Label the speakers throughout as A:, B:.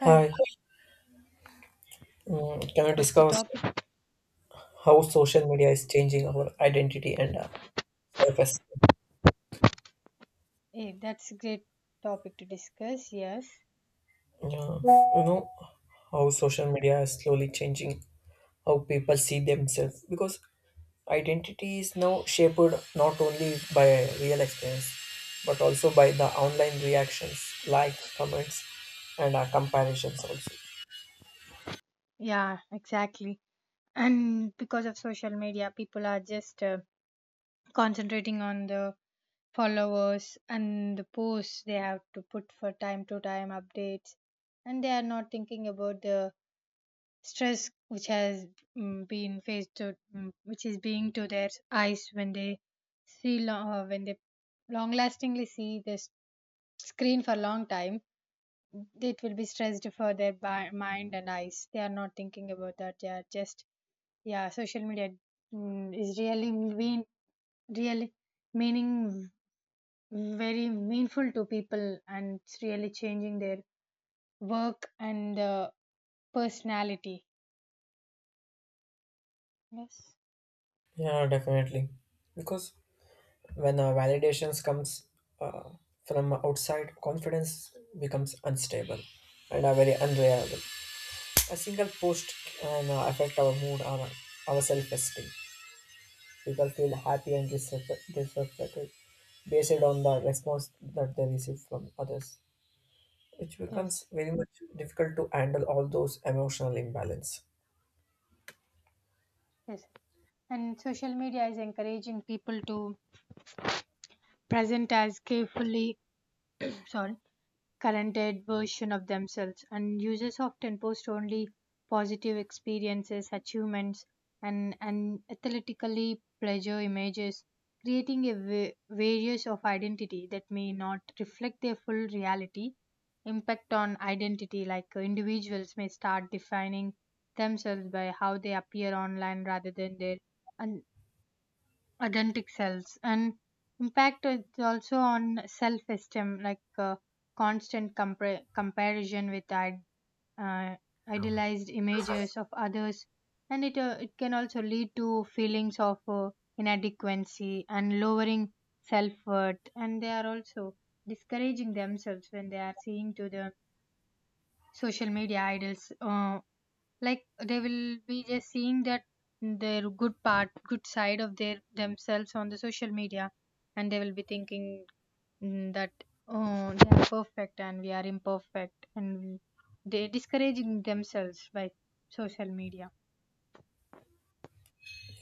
A: Hi,
B: Hi,
A: can we
B: what is the
A: discuss
B: topic?
A: how social media is changing our identity and self-esteem?
B: Hey, that's a great topic to discuss. Yes.
A: Yeah, you know how social media is slowly changing how people see themselves because identity is now shaped not only by real experience but also by the online reactions, likes, comments, and comparisons also.
B: Yeah, exactly. And because of social media, people are just concentrating on the followers and the posts they have to put for time to time updates, and they are not thinking about the stress which has been faced to, which is being to their eyes when they when they long lastingly see this screen for a long time. It will be stressed for their mind and eyes. They are not thinking about that. They are just, yeah, social media, is really mean, really meaning, very meaningful to people and it's really changing their work and personality. Yes.
A: Yeah, definitely, because when validations comes uh, from outside, confidence becomes unstable and are very unreliable. A single post can affect our mood, our self-esteem. People feel happy and disrespected based on the response that they receive from others, which becomes
B: Yes.
A: very much difficult to handle all those emotional imbalance.
B: Yes. And social media is encouraging people to present as carefully, sorry, currented version of themselves, and users often post only positive experiences, achievements, and athletically pleasure images, creating a various of identity that may not reflect their full reality. Impact on identity, like individuals may start defining themselves by how they appear online rather than their un- authentic selves. And impact is also on self esteem, like constant comparison with uh, idealized images of others. And it can also lead to feelings of inadequacy and lowering self worth. And they are also discouraging themselves when they are seeing to the social media idols, like they will be just seeing that their good side of their themselves on the social media, and they will be thinking, that oh, they are perfect and we are imperfect and they discouraging themselves by social media.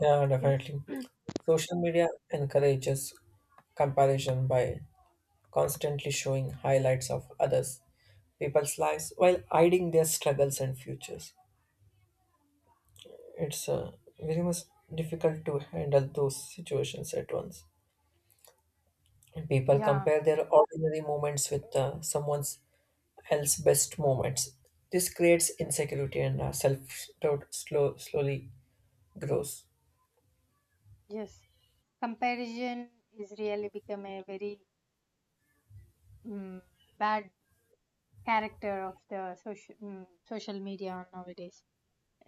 A: Yeah,
B: Yes.
A: definitely. Social media encourages comparison by constantly showing highlights of others people's lives while hiding their struggles and futures. It's very much difficult to handle those situations at once. And people
B: Yeah.
A: compare their ordinary moments with someone else's best moments. This creates insecurity and self doubt slowly grows.
B: Yes. Comparison is really become a very, mm bad character of the social, social media nowadays.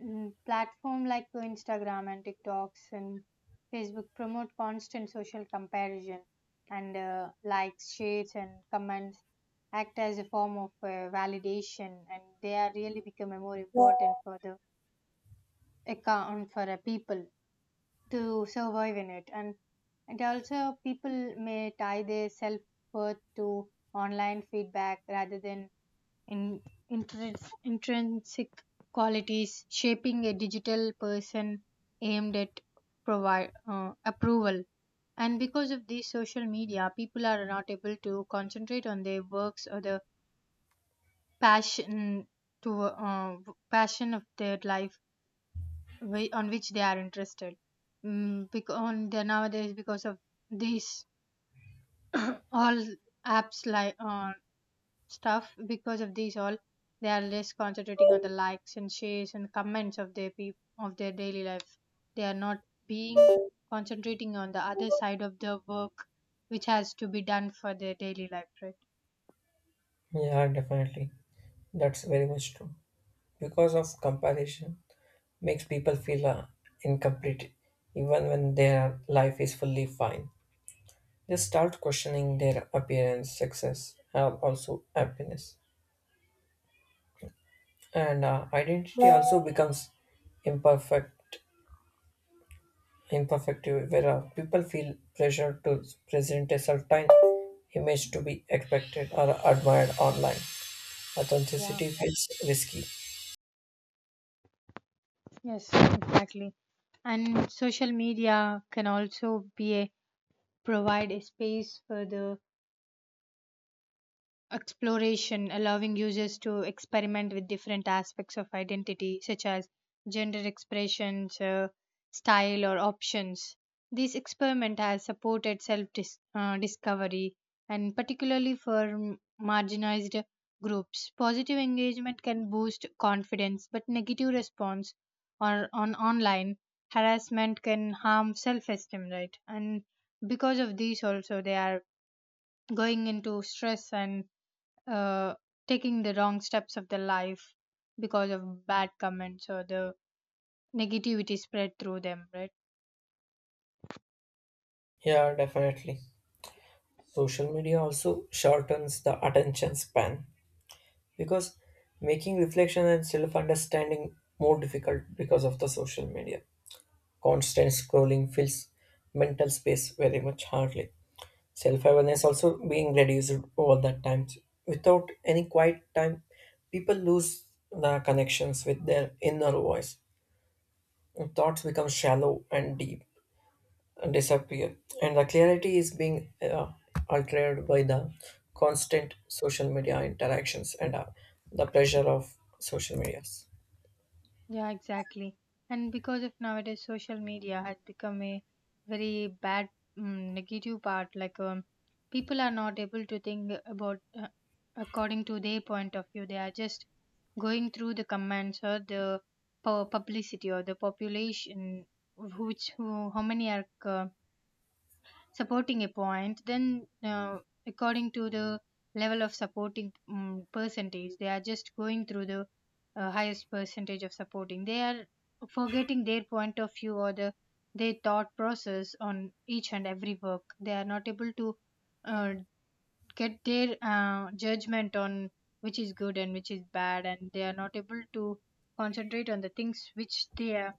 B: Platform like Instagram and TikToks and Facebook promote constant social comparison. And likes, shares, and comments act as a form of validation, and they are really becoming more important for the account for a people to survive in it. And also, people may tie their self worth to online feedback rather than in interest, intrinsic qualities, shaping a digital person aimed at provide approval. And because of these social media, people are not able to concentrate on their works or the passion to, passion of their life on which they are interested. Because on the nowadays, because of these all apps like stuff, because of these all, they are less concentrating on the likes and shares and comments of their of their daily life. They are not being concentrating on the other side of the work which has to be done for their daily life, right?
A: Yeah, definitely. That's very much true. Because of comparison, makes people feel incomplete, even when their life is fully fine. They start questioning their appearance, success, and also happiness. And identity also becomes imperfect, imperfect, where people feel pressure to present a certain image to be expected or admired online.
B: Yeah.
A: Authenticity feels risky.
B: Yes, exactly. And social media can also be a provide a space for the exploration, allowing users to experiment with different aspects of identity, such as gender expressions, style, or options. This experiment has supported discovery and particularly for marginalized groups. Positive engagement can boost confidence, but negative response or on online harassment can harm self esteem, right? And because of these, also, they are going into stress and, uh, taking the wrong steps of their life because of bad comments or the negativity spread through them, right?
A: Yeah, definitely. Social media also shortens the attention span because making reflection and self understanding more difficult because of the social media constant scrolling fills mental space very much hardly. Self-awareness also being reduced over that times. Without any quiet time, people lose the connections with their inner voice. Thoughts become shallow and deep and disappear. And the clarity is being altered by the constant social media interactions and the pressure of social medias.
B: Yeah, exactly. And because of nowadays, social media has become a very bad negative part, like, people are not able to think about according to their point of view. They are just going through the comments or the publicity or the population, which who, how many are. Supporting a point, then according to the level of supporting, percentage, they are just going through the highest percentage of supporting. They are forgetting their point of view or the their thought process on each and every work. They are not able to uh, get their judgment on which is good and which is bad, and they are not able to concentrate on the things which they are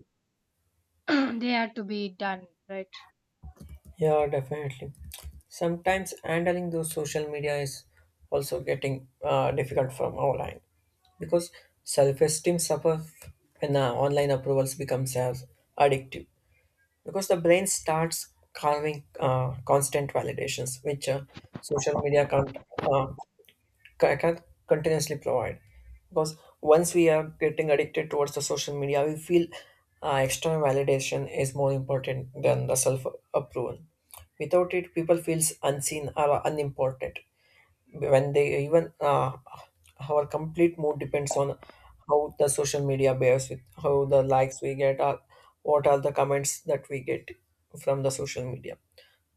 B: they are to be done, right?
A: Yeah, definitely. Sometimes handling those social media is also getting difficult from online because self-esteem suffers when online approvals becomes as addictive because the brain starts craving constant validations which social media can't uh, I can't continuously provide because once we are getting addicted towards the social media, we feel external validation is more important than the self approval. Without it, people feels unseen or unimportant. When they even our complete mood depends on how the social media bears with how the likes we get or what are the comments that we get from the social media.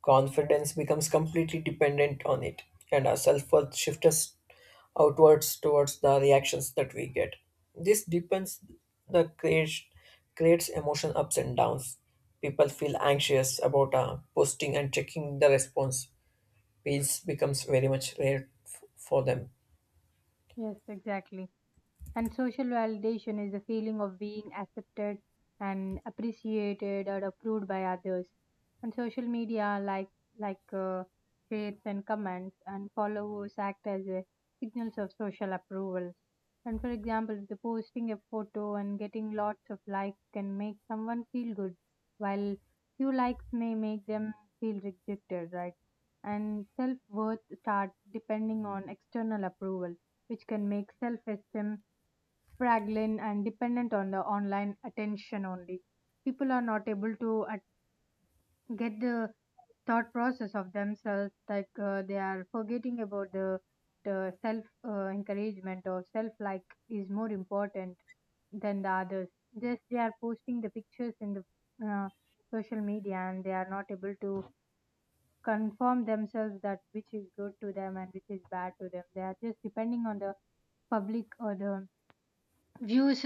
A: Confidence becomes completely dependent on it, and our self worth shifts us outwards towards the reactions that we get. This deepens the creation, creates emotion ups and downs. People feel anxious about posting and checking the response. Peace becomes very much rare for them.
B: Yes, exactly. And social validation is the feeling of being accepted and appreciated or approved by others. And social media, like, like uh, shares and comments and followers, act as a signals of social approval. And for example, the posting a photo and getting lots of likes can make someone feel good, while few likes may make them feel rejected, right? And self worth starts depending on external approval, which can make self esteem fragile and dependent on the online attention only. People are not able to get the thought process of themselves, like, they are forgetting about the self, encouragement or self like, is more important than the others. Just they are posting the pictures in the, uh, social media and they are not able to confirm themselves that which is good to them and which is bad to them. They are just depending on the public or the views,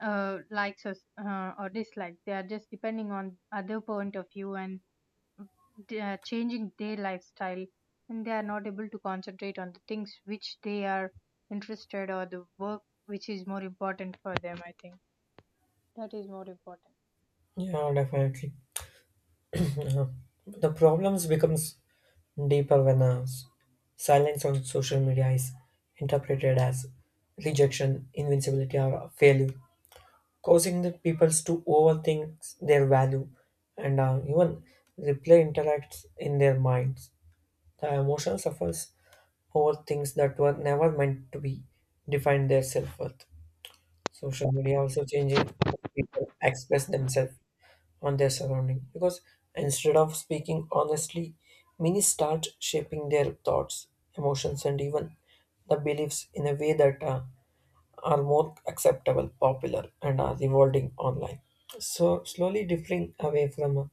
B: likes or, or dislikes. They are just depending on other point of view and they are changing their lifestyle, and they are not able to concentrate on the things which they are interested or the work which is more important for them. I think that is more important.
A: Yeah, definitely. Uh, the problems becomes deeper when silence on social media is interpreted as rejection, invincibility, or failure, causing the peoples to overthink their value and even replay interacts in their minds. The emotion suffers over things that were never meant to be define their self worth. Social media also changing how people express themselves on their surrounding because instead of speaking honestly, many start shaping their thoughts, emotions, and even the beliefs in a way that are more acceptable, popular, and are evolving online. So slowly drifting away from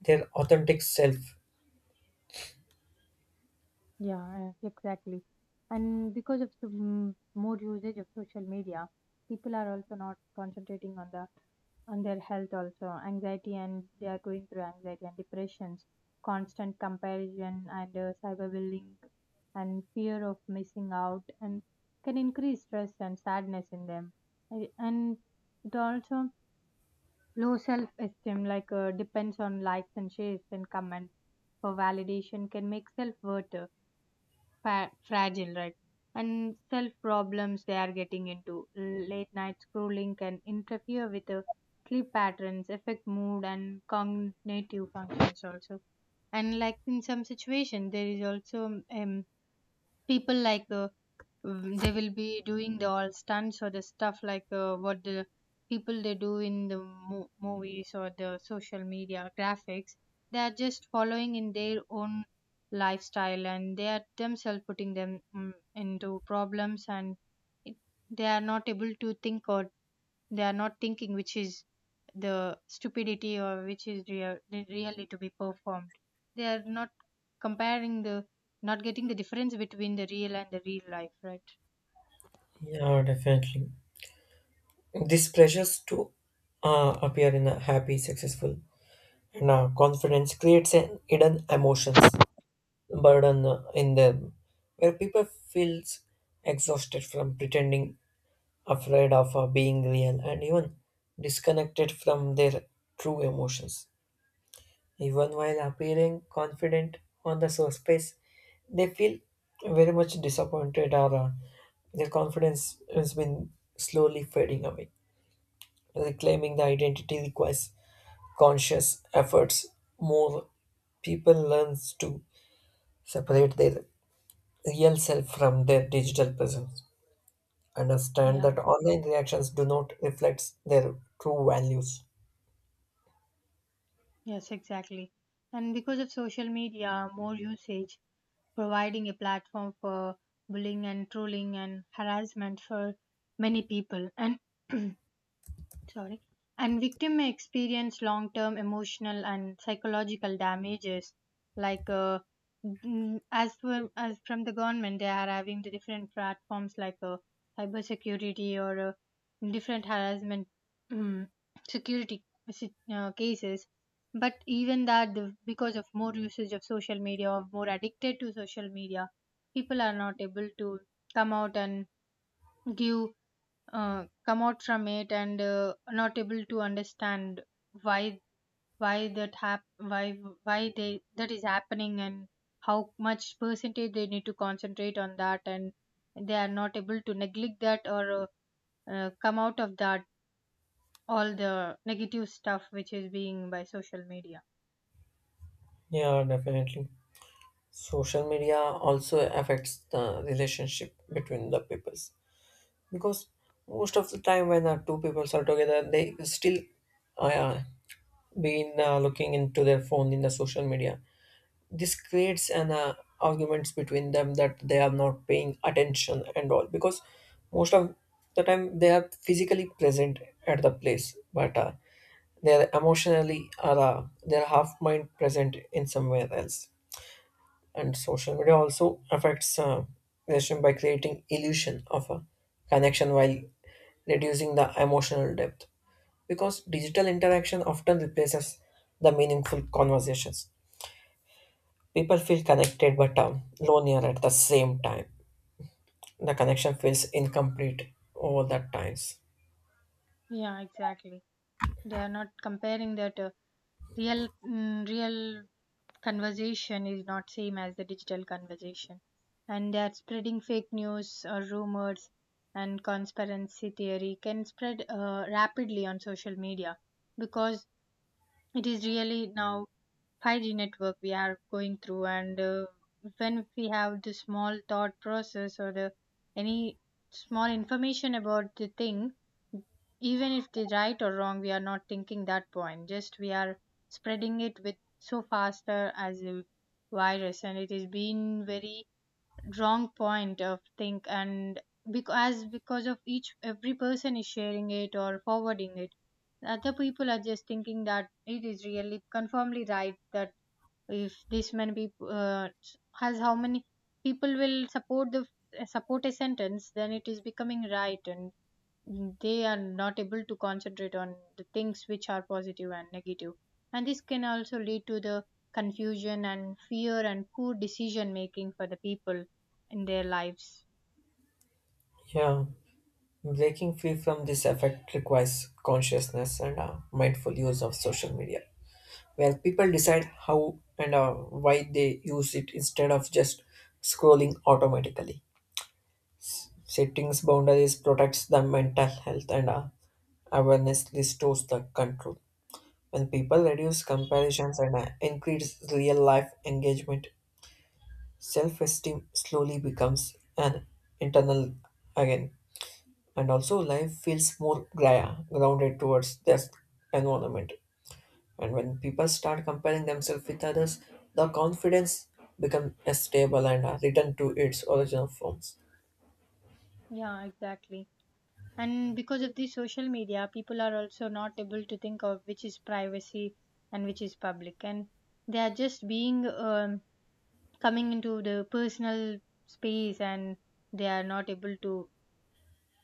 A: their authentic self.
B: Yeah, exactly. And because of the, more usage of social media, people are also not concentrating on the on their health also. Anxiety, and they are going through anxiety and depressions, constant comparison and cyberbullying and fear of missing out and can increase stress and sadness in them. And it also low self esteem, like, depends on likes and shares and comments for validation, can make self worth fragile, right? And self problems they are getting into. Late night scrolling can interfere with the sleep patterns, affect mood, and cognitive functions also. And like, in some situation, there is also, people like, they will be doing the all stunts or the stuff like, what the people they do in the movies or the social media graphics, they are just following in their own lifestyle and they are themselves putting them, into problems and, it, they are not able to think or they are not thinking which is the stupidity or which is real, really to be performed. They are not comparing the, not getting the difference between the real and the real life, right?
A: Yeah, definitely. This pressures to appear in a happy, successful, and confidence creates an hidden emotions burden in them, where people feels exhausted from pretending, afraid of being real, and even disconnected from their true emotions. Even while appearing confident on the surface, they feel very much disappointed or their confidence has been slowly fading away. Reclaiming the identity requires conscious efforts. More people learn to separate their real self from their digital presence. Understand
B: Yeah.
A: that online reactions do not reflect their true values.
B: Yes, exactly. And because of social media more usage, providing a platform for bullying and trolling and harassment for many people, and sorry. And victim may experience long term emotional and psychological damages, like, as for as from the government they are having the different platforms like, cyber security or, different harassment, mm, security cases. But even that the, because of more usage of social media or more addicted to social media, people are not able to come out and give, come out from it and, not able to understand why, why that hap- why why they that is happening, and how much percentage they need to concentrate on that, and they are not able to neglect that or, come out of that all the negative stuff which is being by social media.
A: Yeah, definitely. Social media also affects the relationship between the peoples because most of the time when two peoples are together they still uh, yeah, been looking into their phone in the social media. This creates an arguments between them that they are not paying attention and all because most of the time they are physically present at the place but they are emotionally are they are half mind present in somewhere else. And social media also affects relation by creating illusion of a connection while reducing the emotional depth because digital interaction often replaces the meaningful conversations. People feel connected but lonelier at the same time. The connection feels incomplete over that times.
B: Yeah, exactly. They are not comparing that, real, real conversation is not same as the digital conversation. And that spreading fake news or rumors and conspiracy theory can spread rapidly on social media, because it is really now 5G network we are going through, and, when we have the small thought process or the any small information about the thing, even if they right or wrong, we are not thinking that point. Just we are spreading it with so faster as a virus, and it has been very wrong point of think. And because of each every person is sharing it or forwarding it, other people are just thinking that it is really confirmly right, that if this many people, has, how many people will support the, support a sentence, then it is becoming right. And they are not able to concentrate on the things which are positive and negative. And this can also lead to the confusion and fear and poor decision making for the people in their lives.
A: Yeah, breaking free from this effect requires consciousness and mindful use of social media where people decide how and why they use it instead of just scrolling automatically. Settings boundaries protects the mental health and awareness restores the control. When people reduce comparisons and increase real life engagement, self esteem slowly becomes an internal again. And also, life feels more grounded towards their environment. And when people start comparing themselves with others, the confidence becomes unstable and return to its original forms.
B: Yeah, exactly. And because of this social media, people are also not able to think of which is privacy and which is public, and they are just being coming into the personal space, and they are not able to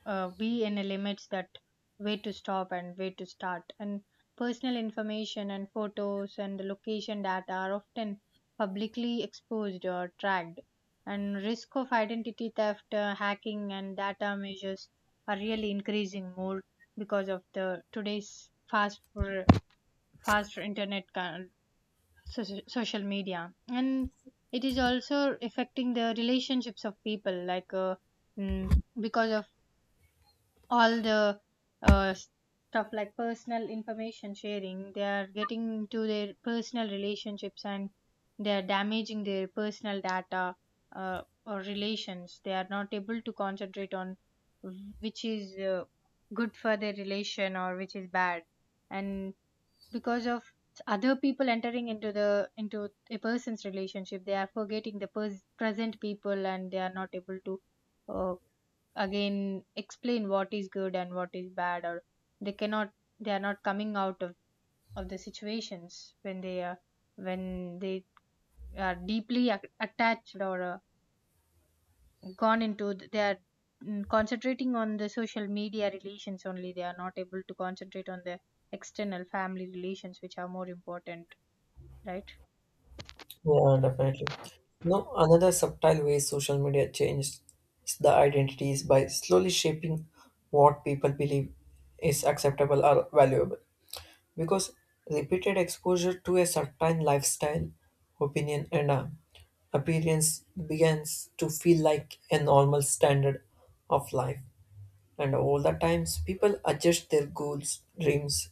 B: be in a limits that where to stop and where to start. And personal information and photos and the location data are often publicly exposed or tracked, and risk of identity theft, hacking and data measures are really increasing more because of the today's fast internet, social media. And it is also affecting the relationships of people, like mm, because of all the stuff like personal information sharing, they are getting into their personal relationships and they are damaging their personal data, uh, or relations. They are not able to concentrate on which is good for their relation or which is bad. And because of other people entering into a person's relationship, they are forgetting the present people, and they are not able to uh, again explain what is good and what is bad, or they cannot, they are not coming out of the situations when they are deeply attached or gone they are concentrating on the social media relations only. They are not able to concentrate on the external family relations which are more important, right?
A: Yeah, definitely. No, another subtle way social media changes the identity is by slowly shaping what people believe is acceptable or valuable. Because repeated exposure to a certain lifestyle, opinion, and appearance begins to feel like a normal standard of life. And all the times, people adjust their goals, dreams,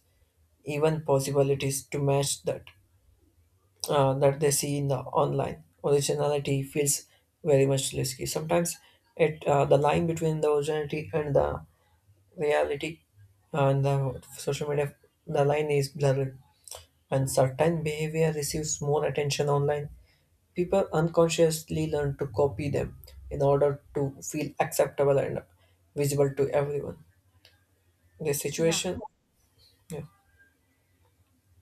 A: even possibilities to match that that they see in the online. Originality feels very much risky. Sometimes, it the line between the originality and the reality and the social media, the line is blurred. And certain behavior receives more attention online. People unconsciously learn to copy them in order to feel acceptable and visible to everyone. The
B: Yeah,
A: situation. Yeah.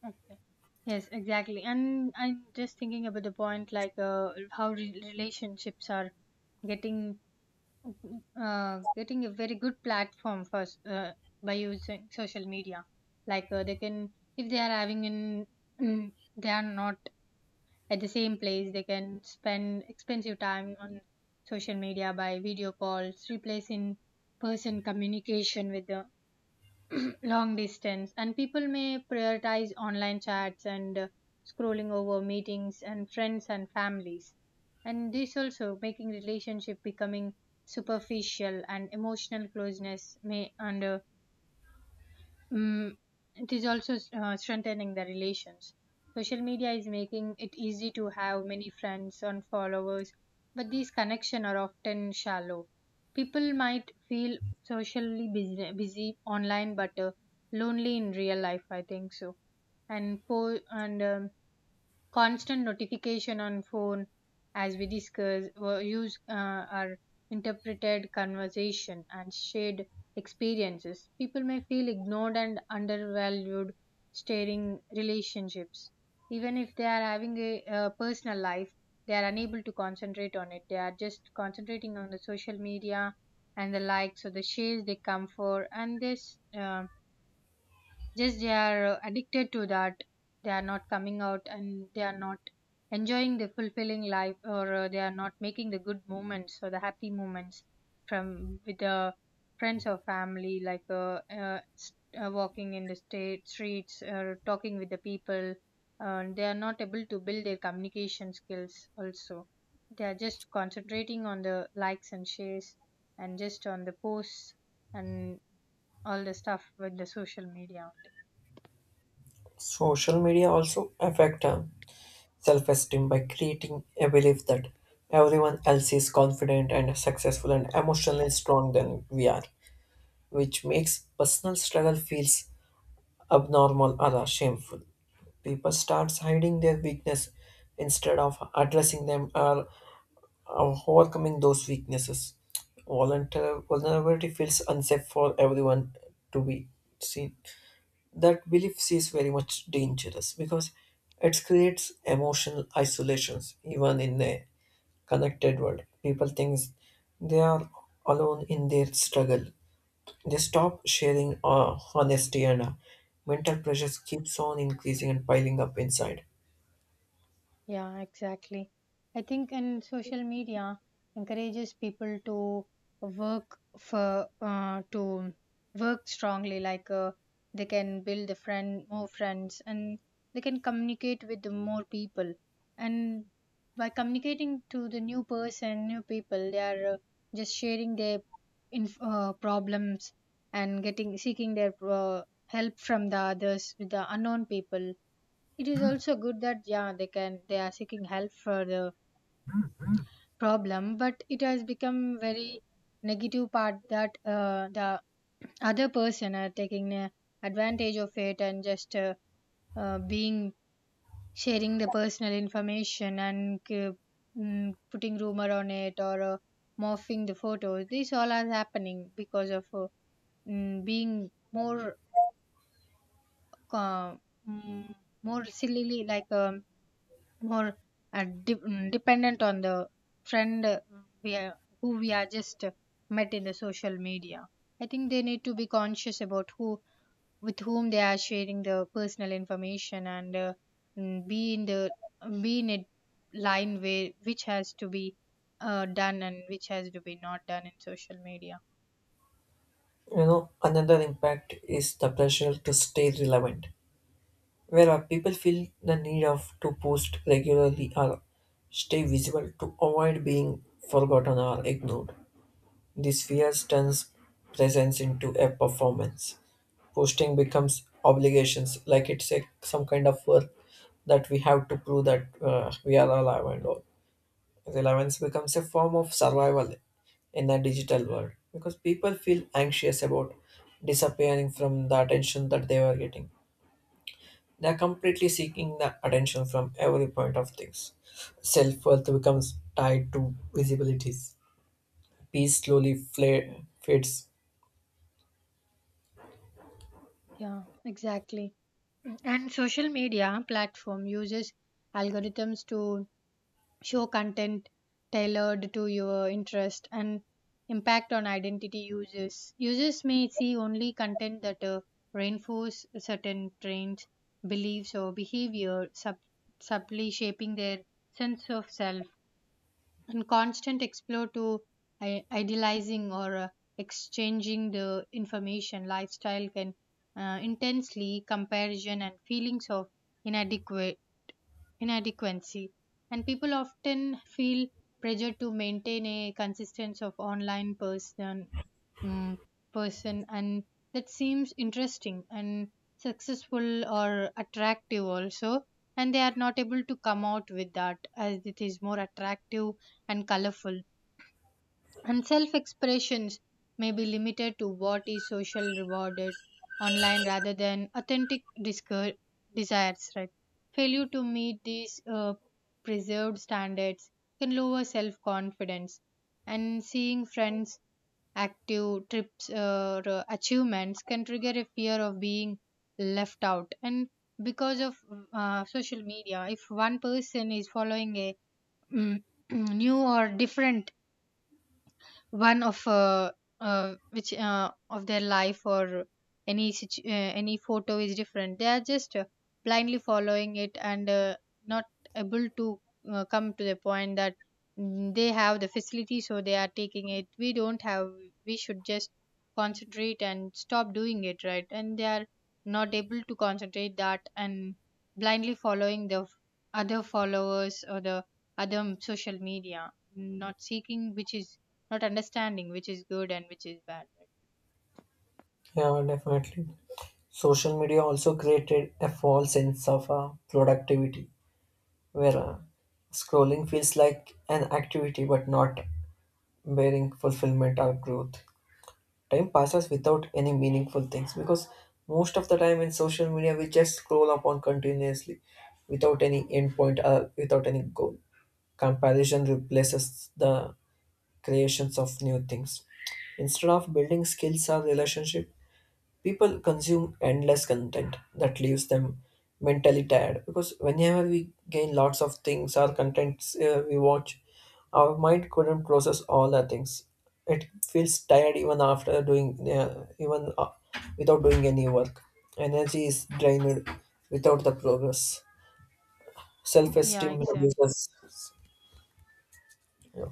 B: okay. Yes, exactly. And I'm just thinking about the point, like how relationships are getting getting a very good platform first, by using social media. Like, they can, if they are they are not at the same place, they can spend expensive time on social media by video calls, replacing person communication with the long distance, and people may prioritize online chats and scrolling over meetings and friends and families. And this also making relationship becoming superficial and emotional closeness may under. Mm, it is also strengthening the relations. Social media is making it easy to have many friends and followers, but these connections are often shallow. People might feel socially busy online, but lonely in real life. I think so. And constant notification on phone, as we discuss were used, are interpreted conversation and shared experiences. People may feel ignored and undervalued staring relationships, even if they are having a, personal life, they are unable to concentrate on it. They are just concentrating on the social media and the likes or the shares they come for, and this, just they are addicted to that. They are not coming out and they are not enjoying the fulfilling life, or they are not making the good moments or the happy moments from with the friends or family, like walking in the state streets or talking with the people. They are not able to build their communication skills also, they are just concentrating on the likes and shares and just on the posts and all the stuff with the social media.
A: Social media also affect self-esteem by creating a belief that everyone else is confident and successful and emotionally strong than we are, which makes personal struggle feels abnormal or shameful. People start hiding their weakness instead of addressing them or overcoming those weaknesses. Vulnerability feels unsafe for everyone to be seen. That belief is very much dangerous because it creates emotional isolations even in a connected world. People think they are alone in their struggle. They stop sharing honesty and mental pressures keeps on increasing and piling up inside.
B: Yeah, exactly. I think in social media encourages people to work for to work strongly. Like, they can build more friends, and they can communicate with the more people. And by communicating to the new people, they are just sharing their problems and getting seeking their help from the others with the unknown people. It is also good that, yeah, they are seeking help for the problem, but it has become very negative part that the other person are taking advantage of it and just being sharing the personal information and putting rumor on it or morphing the photos. This all are happening because of being more uh, mm, more sillily, like more dependent on the friend, we are, who we are just met in the social media. I think they need to be conscious about who with whom they are sharing the personal information and mm, be in the be in a line where which has to be done and which has to be not done in social media.
A: You know another impact is the pressure to stay relevant where people feel the need of to post regularly or stay visible to avoid being forgotten or ignored. This fear turns presence into a performance. Posting becomes obligations, like it's a, some kind of work that we have to prove that we are alive and all. Relevance becomes a form of survival in a digital world because people feel anxious about disappearing from the attention that they were getting. They are completely seeking the attention from every point of things. Self worth becomes tied to visibilities. Peace slowly fades.
B: Yeah, exactly. And social media platform uses algorithms to show content tailored to your interest and impact on identity users. Users may see only content that reinforce certain trends, beliefs, or behavior, subtly shaping their sense of self. And constant explore to idealizing or exchanging the information lifestyle can intensely comparison and feelings of inadequate inadequacy, and people often feel pressure to maintain a consistency of online mm person, and that seems interesting and successful or attractive also, and they are not able to come out with that as it is more attractive and colorful. And self expressions may be limited to what is social rewarded online rather than authentic desires, right? Failure to meet these preserved standards can lower self confidence. And seeing friends active trips or achievements can trigger a fear of being left out. And because of social media, if one person is following a mm, new or different one of which of their life or any situ- uh, any photo is different, they are just blindly following it, and not able to come to the point that, they have the facility so they are taking it, we don't have, we should just concentrate and stop doing it, right? And they are not able to concentrate that and blindly following the other followers or the other social media, not seeking which is, not understanding which is good and which is bad, right?
A: Yeah, definitely. Social media also created a false sense of productivity, where scrolling feels like an activity but not bearing fulfillment or growth. Time passes without any meaningful things because most of the time in social media we just scroll upon continuously without any endpoint or without any goal. Comparison replaces the creations of new things. Instead of building skills or relationship, people consume endless content that leaves them mentally tired because whenever we gain lots of things or contents we watch our mind couldn't process all the things. It feels tired even after doing even without doing any work. Energy is drained without the progress.
B: Yeah,
A: Self-esteem
B: exactly.
A: reduces. yeah,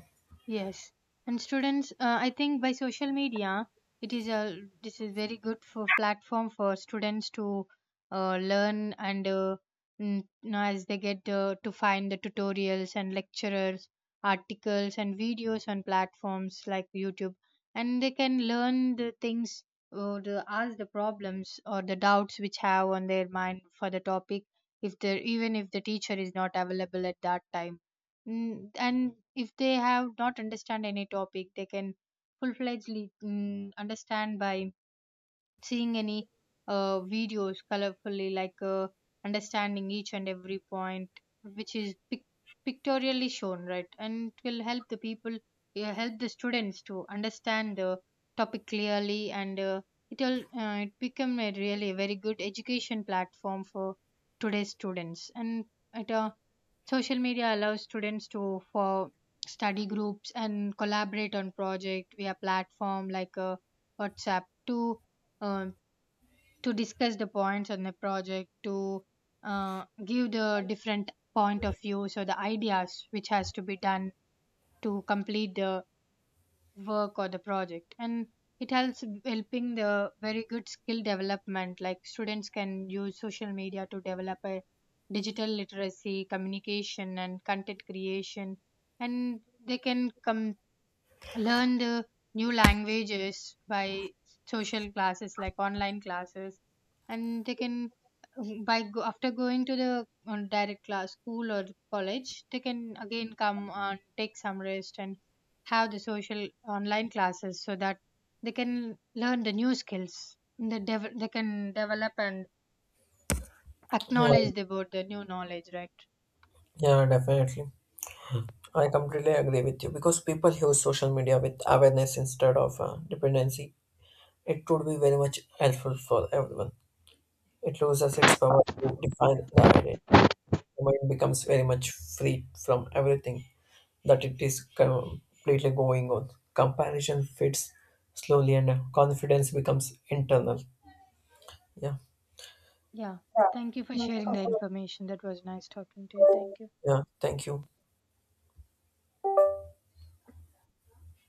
B: Yes, and students, I think by social media, it is a this is very good for platform for students to learn. And now as they get to find the tutorials and lecturers, articles and videos on platforms like YouTube, and they can learn the things or the ask the problems or the doubts which have on their mind for the topic, if they even if the teacher is not available at that time. And if they have not understand any topic, they can full-fledgedly understand by seeing any videos colorfully, like understanding each and every point which is pictorially shown, right? And it will help the people, help the students to understand the topic clearly. And it become a really very good education platform for today's students. And it Social media allows students to for study groups and collaborate on project via platform like WhatsApp um, to discuss the points on the project to give the different point of views or the ideas which has to be done to complete the work or the project. And it helps helping the very good skill development, like students can use social media to develop a digital literacy communication and content creation. And they can come learn the new languages by social classes, like online classes. And they can, after going to the direct class school or college, they can again come and take some rest and have the social online classes, so that they can learn the new skills, they can develop and
A: yeah,
B: acknowledge about the new knowledge, right?
A: yeah, definitely. I completely agree with you because people use social media with awareness instead of dependency. It would be very much helpful for everyone. It loses its power to define the idea. The mind becomes very much free from everything that it is completely going on. Comparison fades slowly and confidence becomes internal. Yeah,
B: Yeah, thank you for sharing the information. That was nice talking to you. Thank you.
A: yeah. Thank you.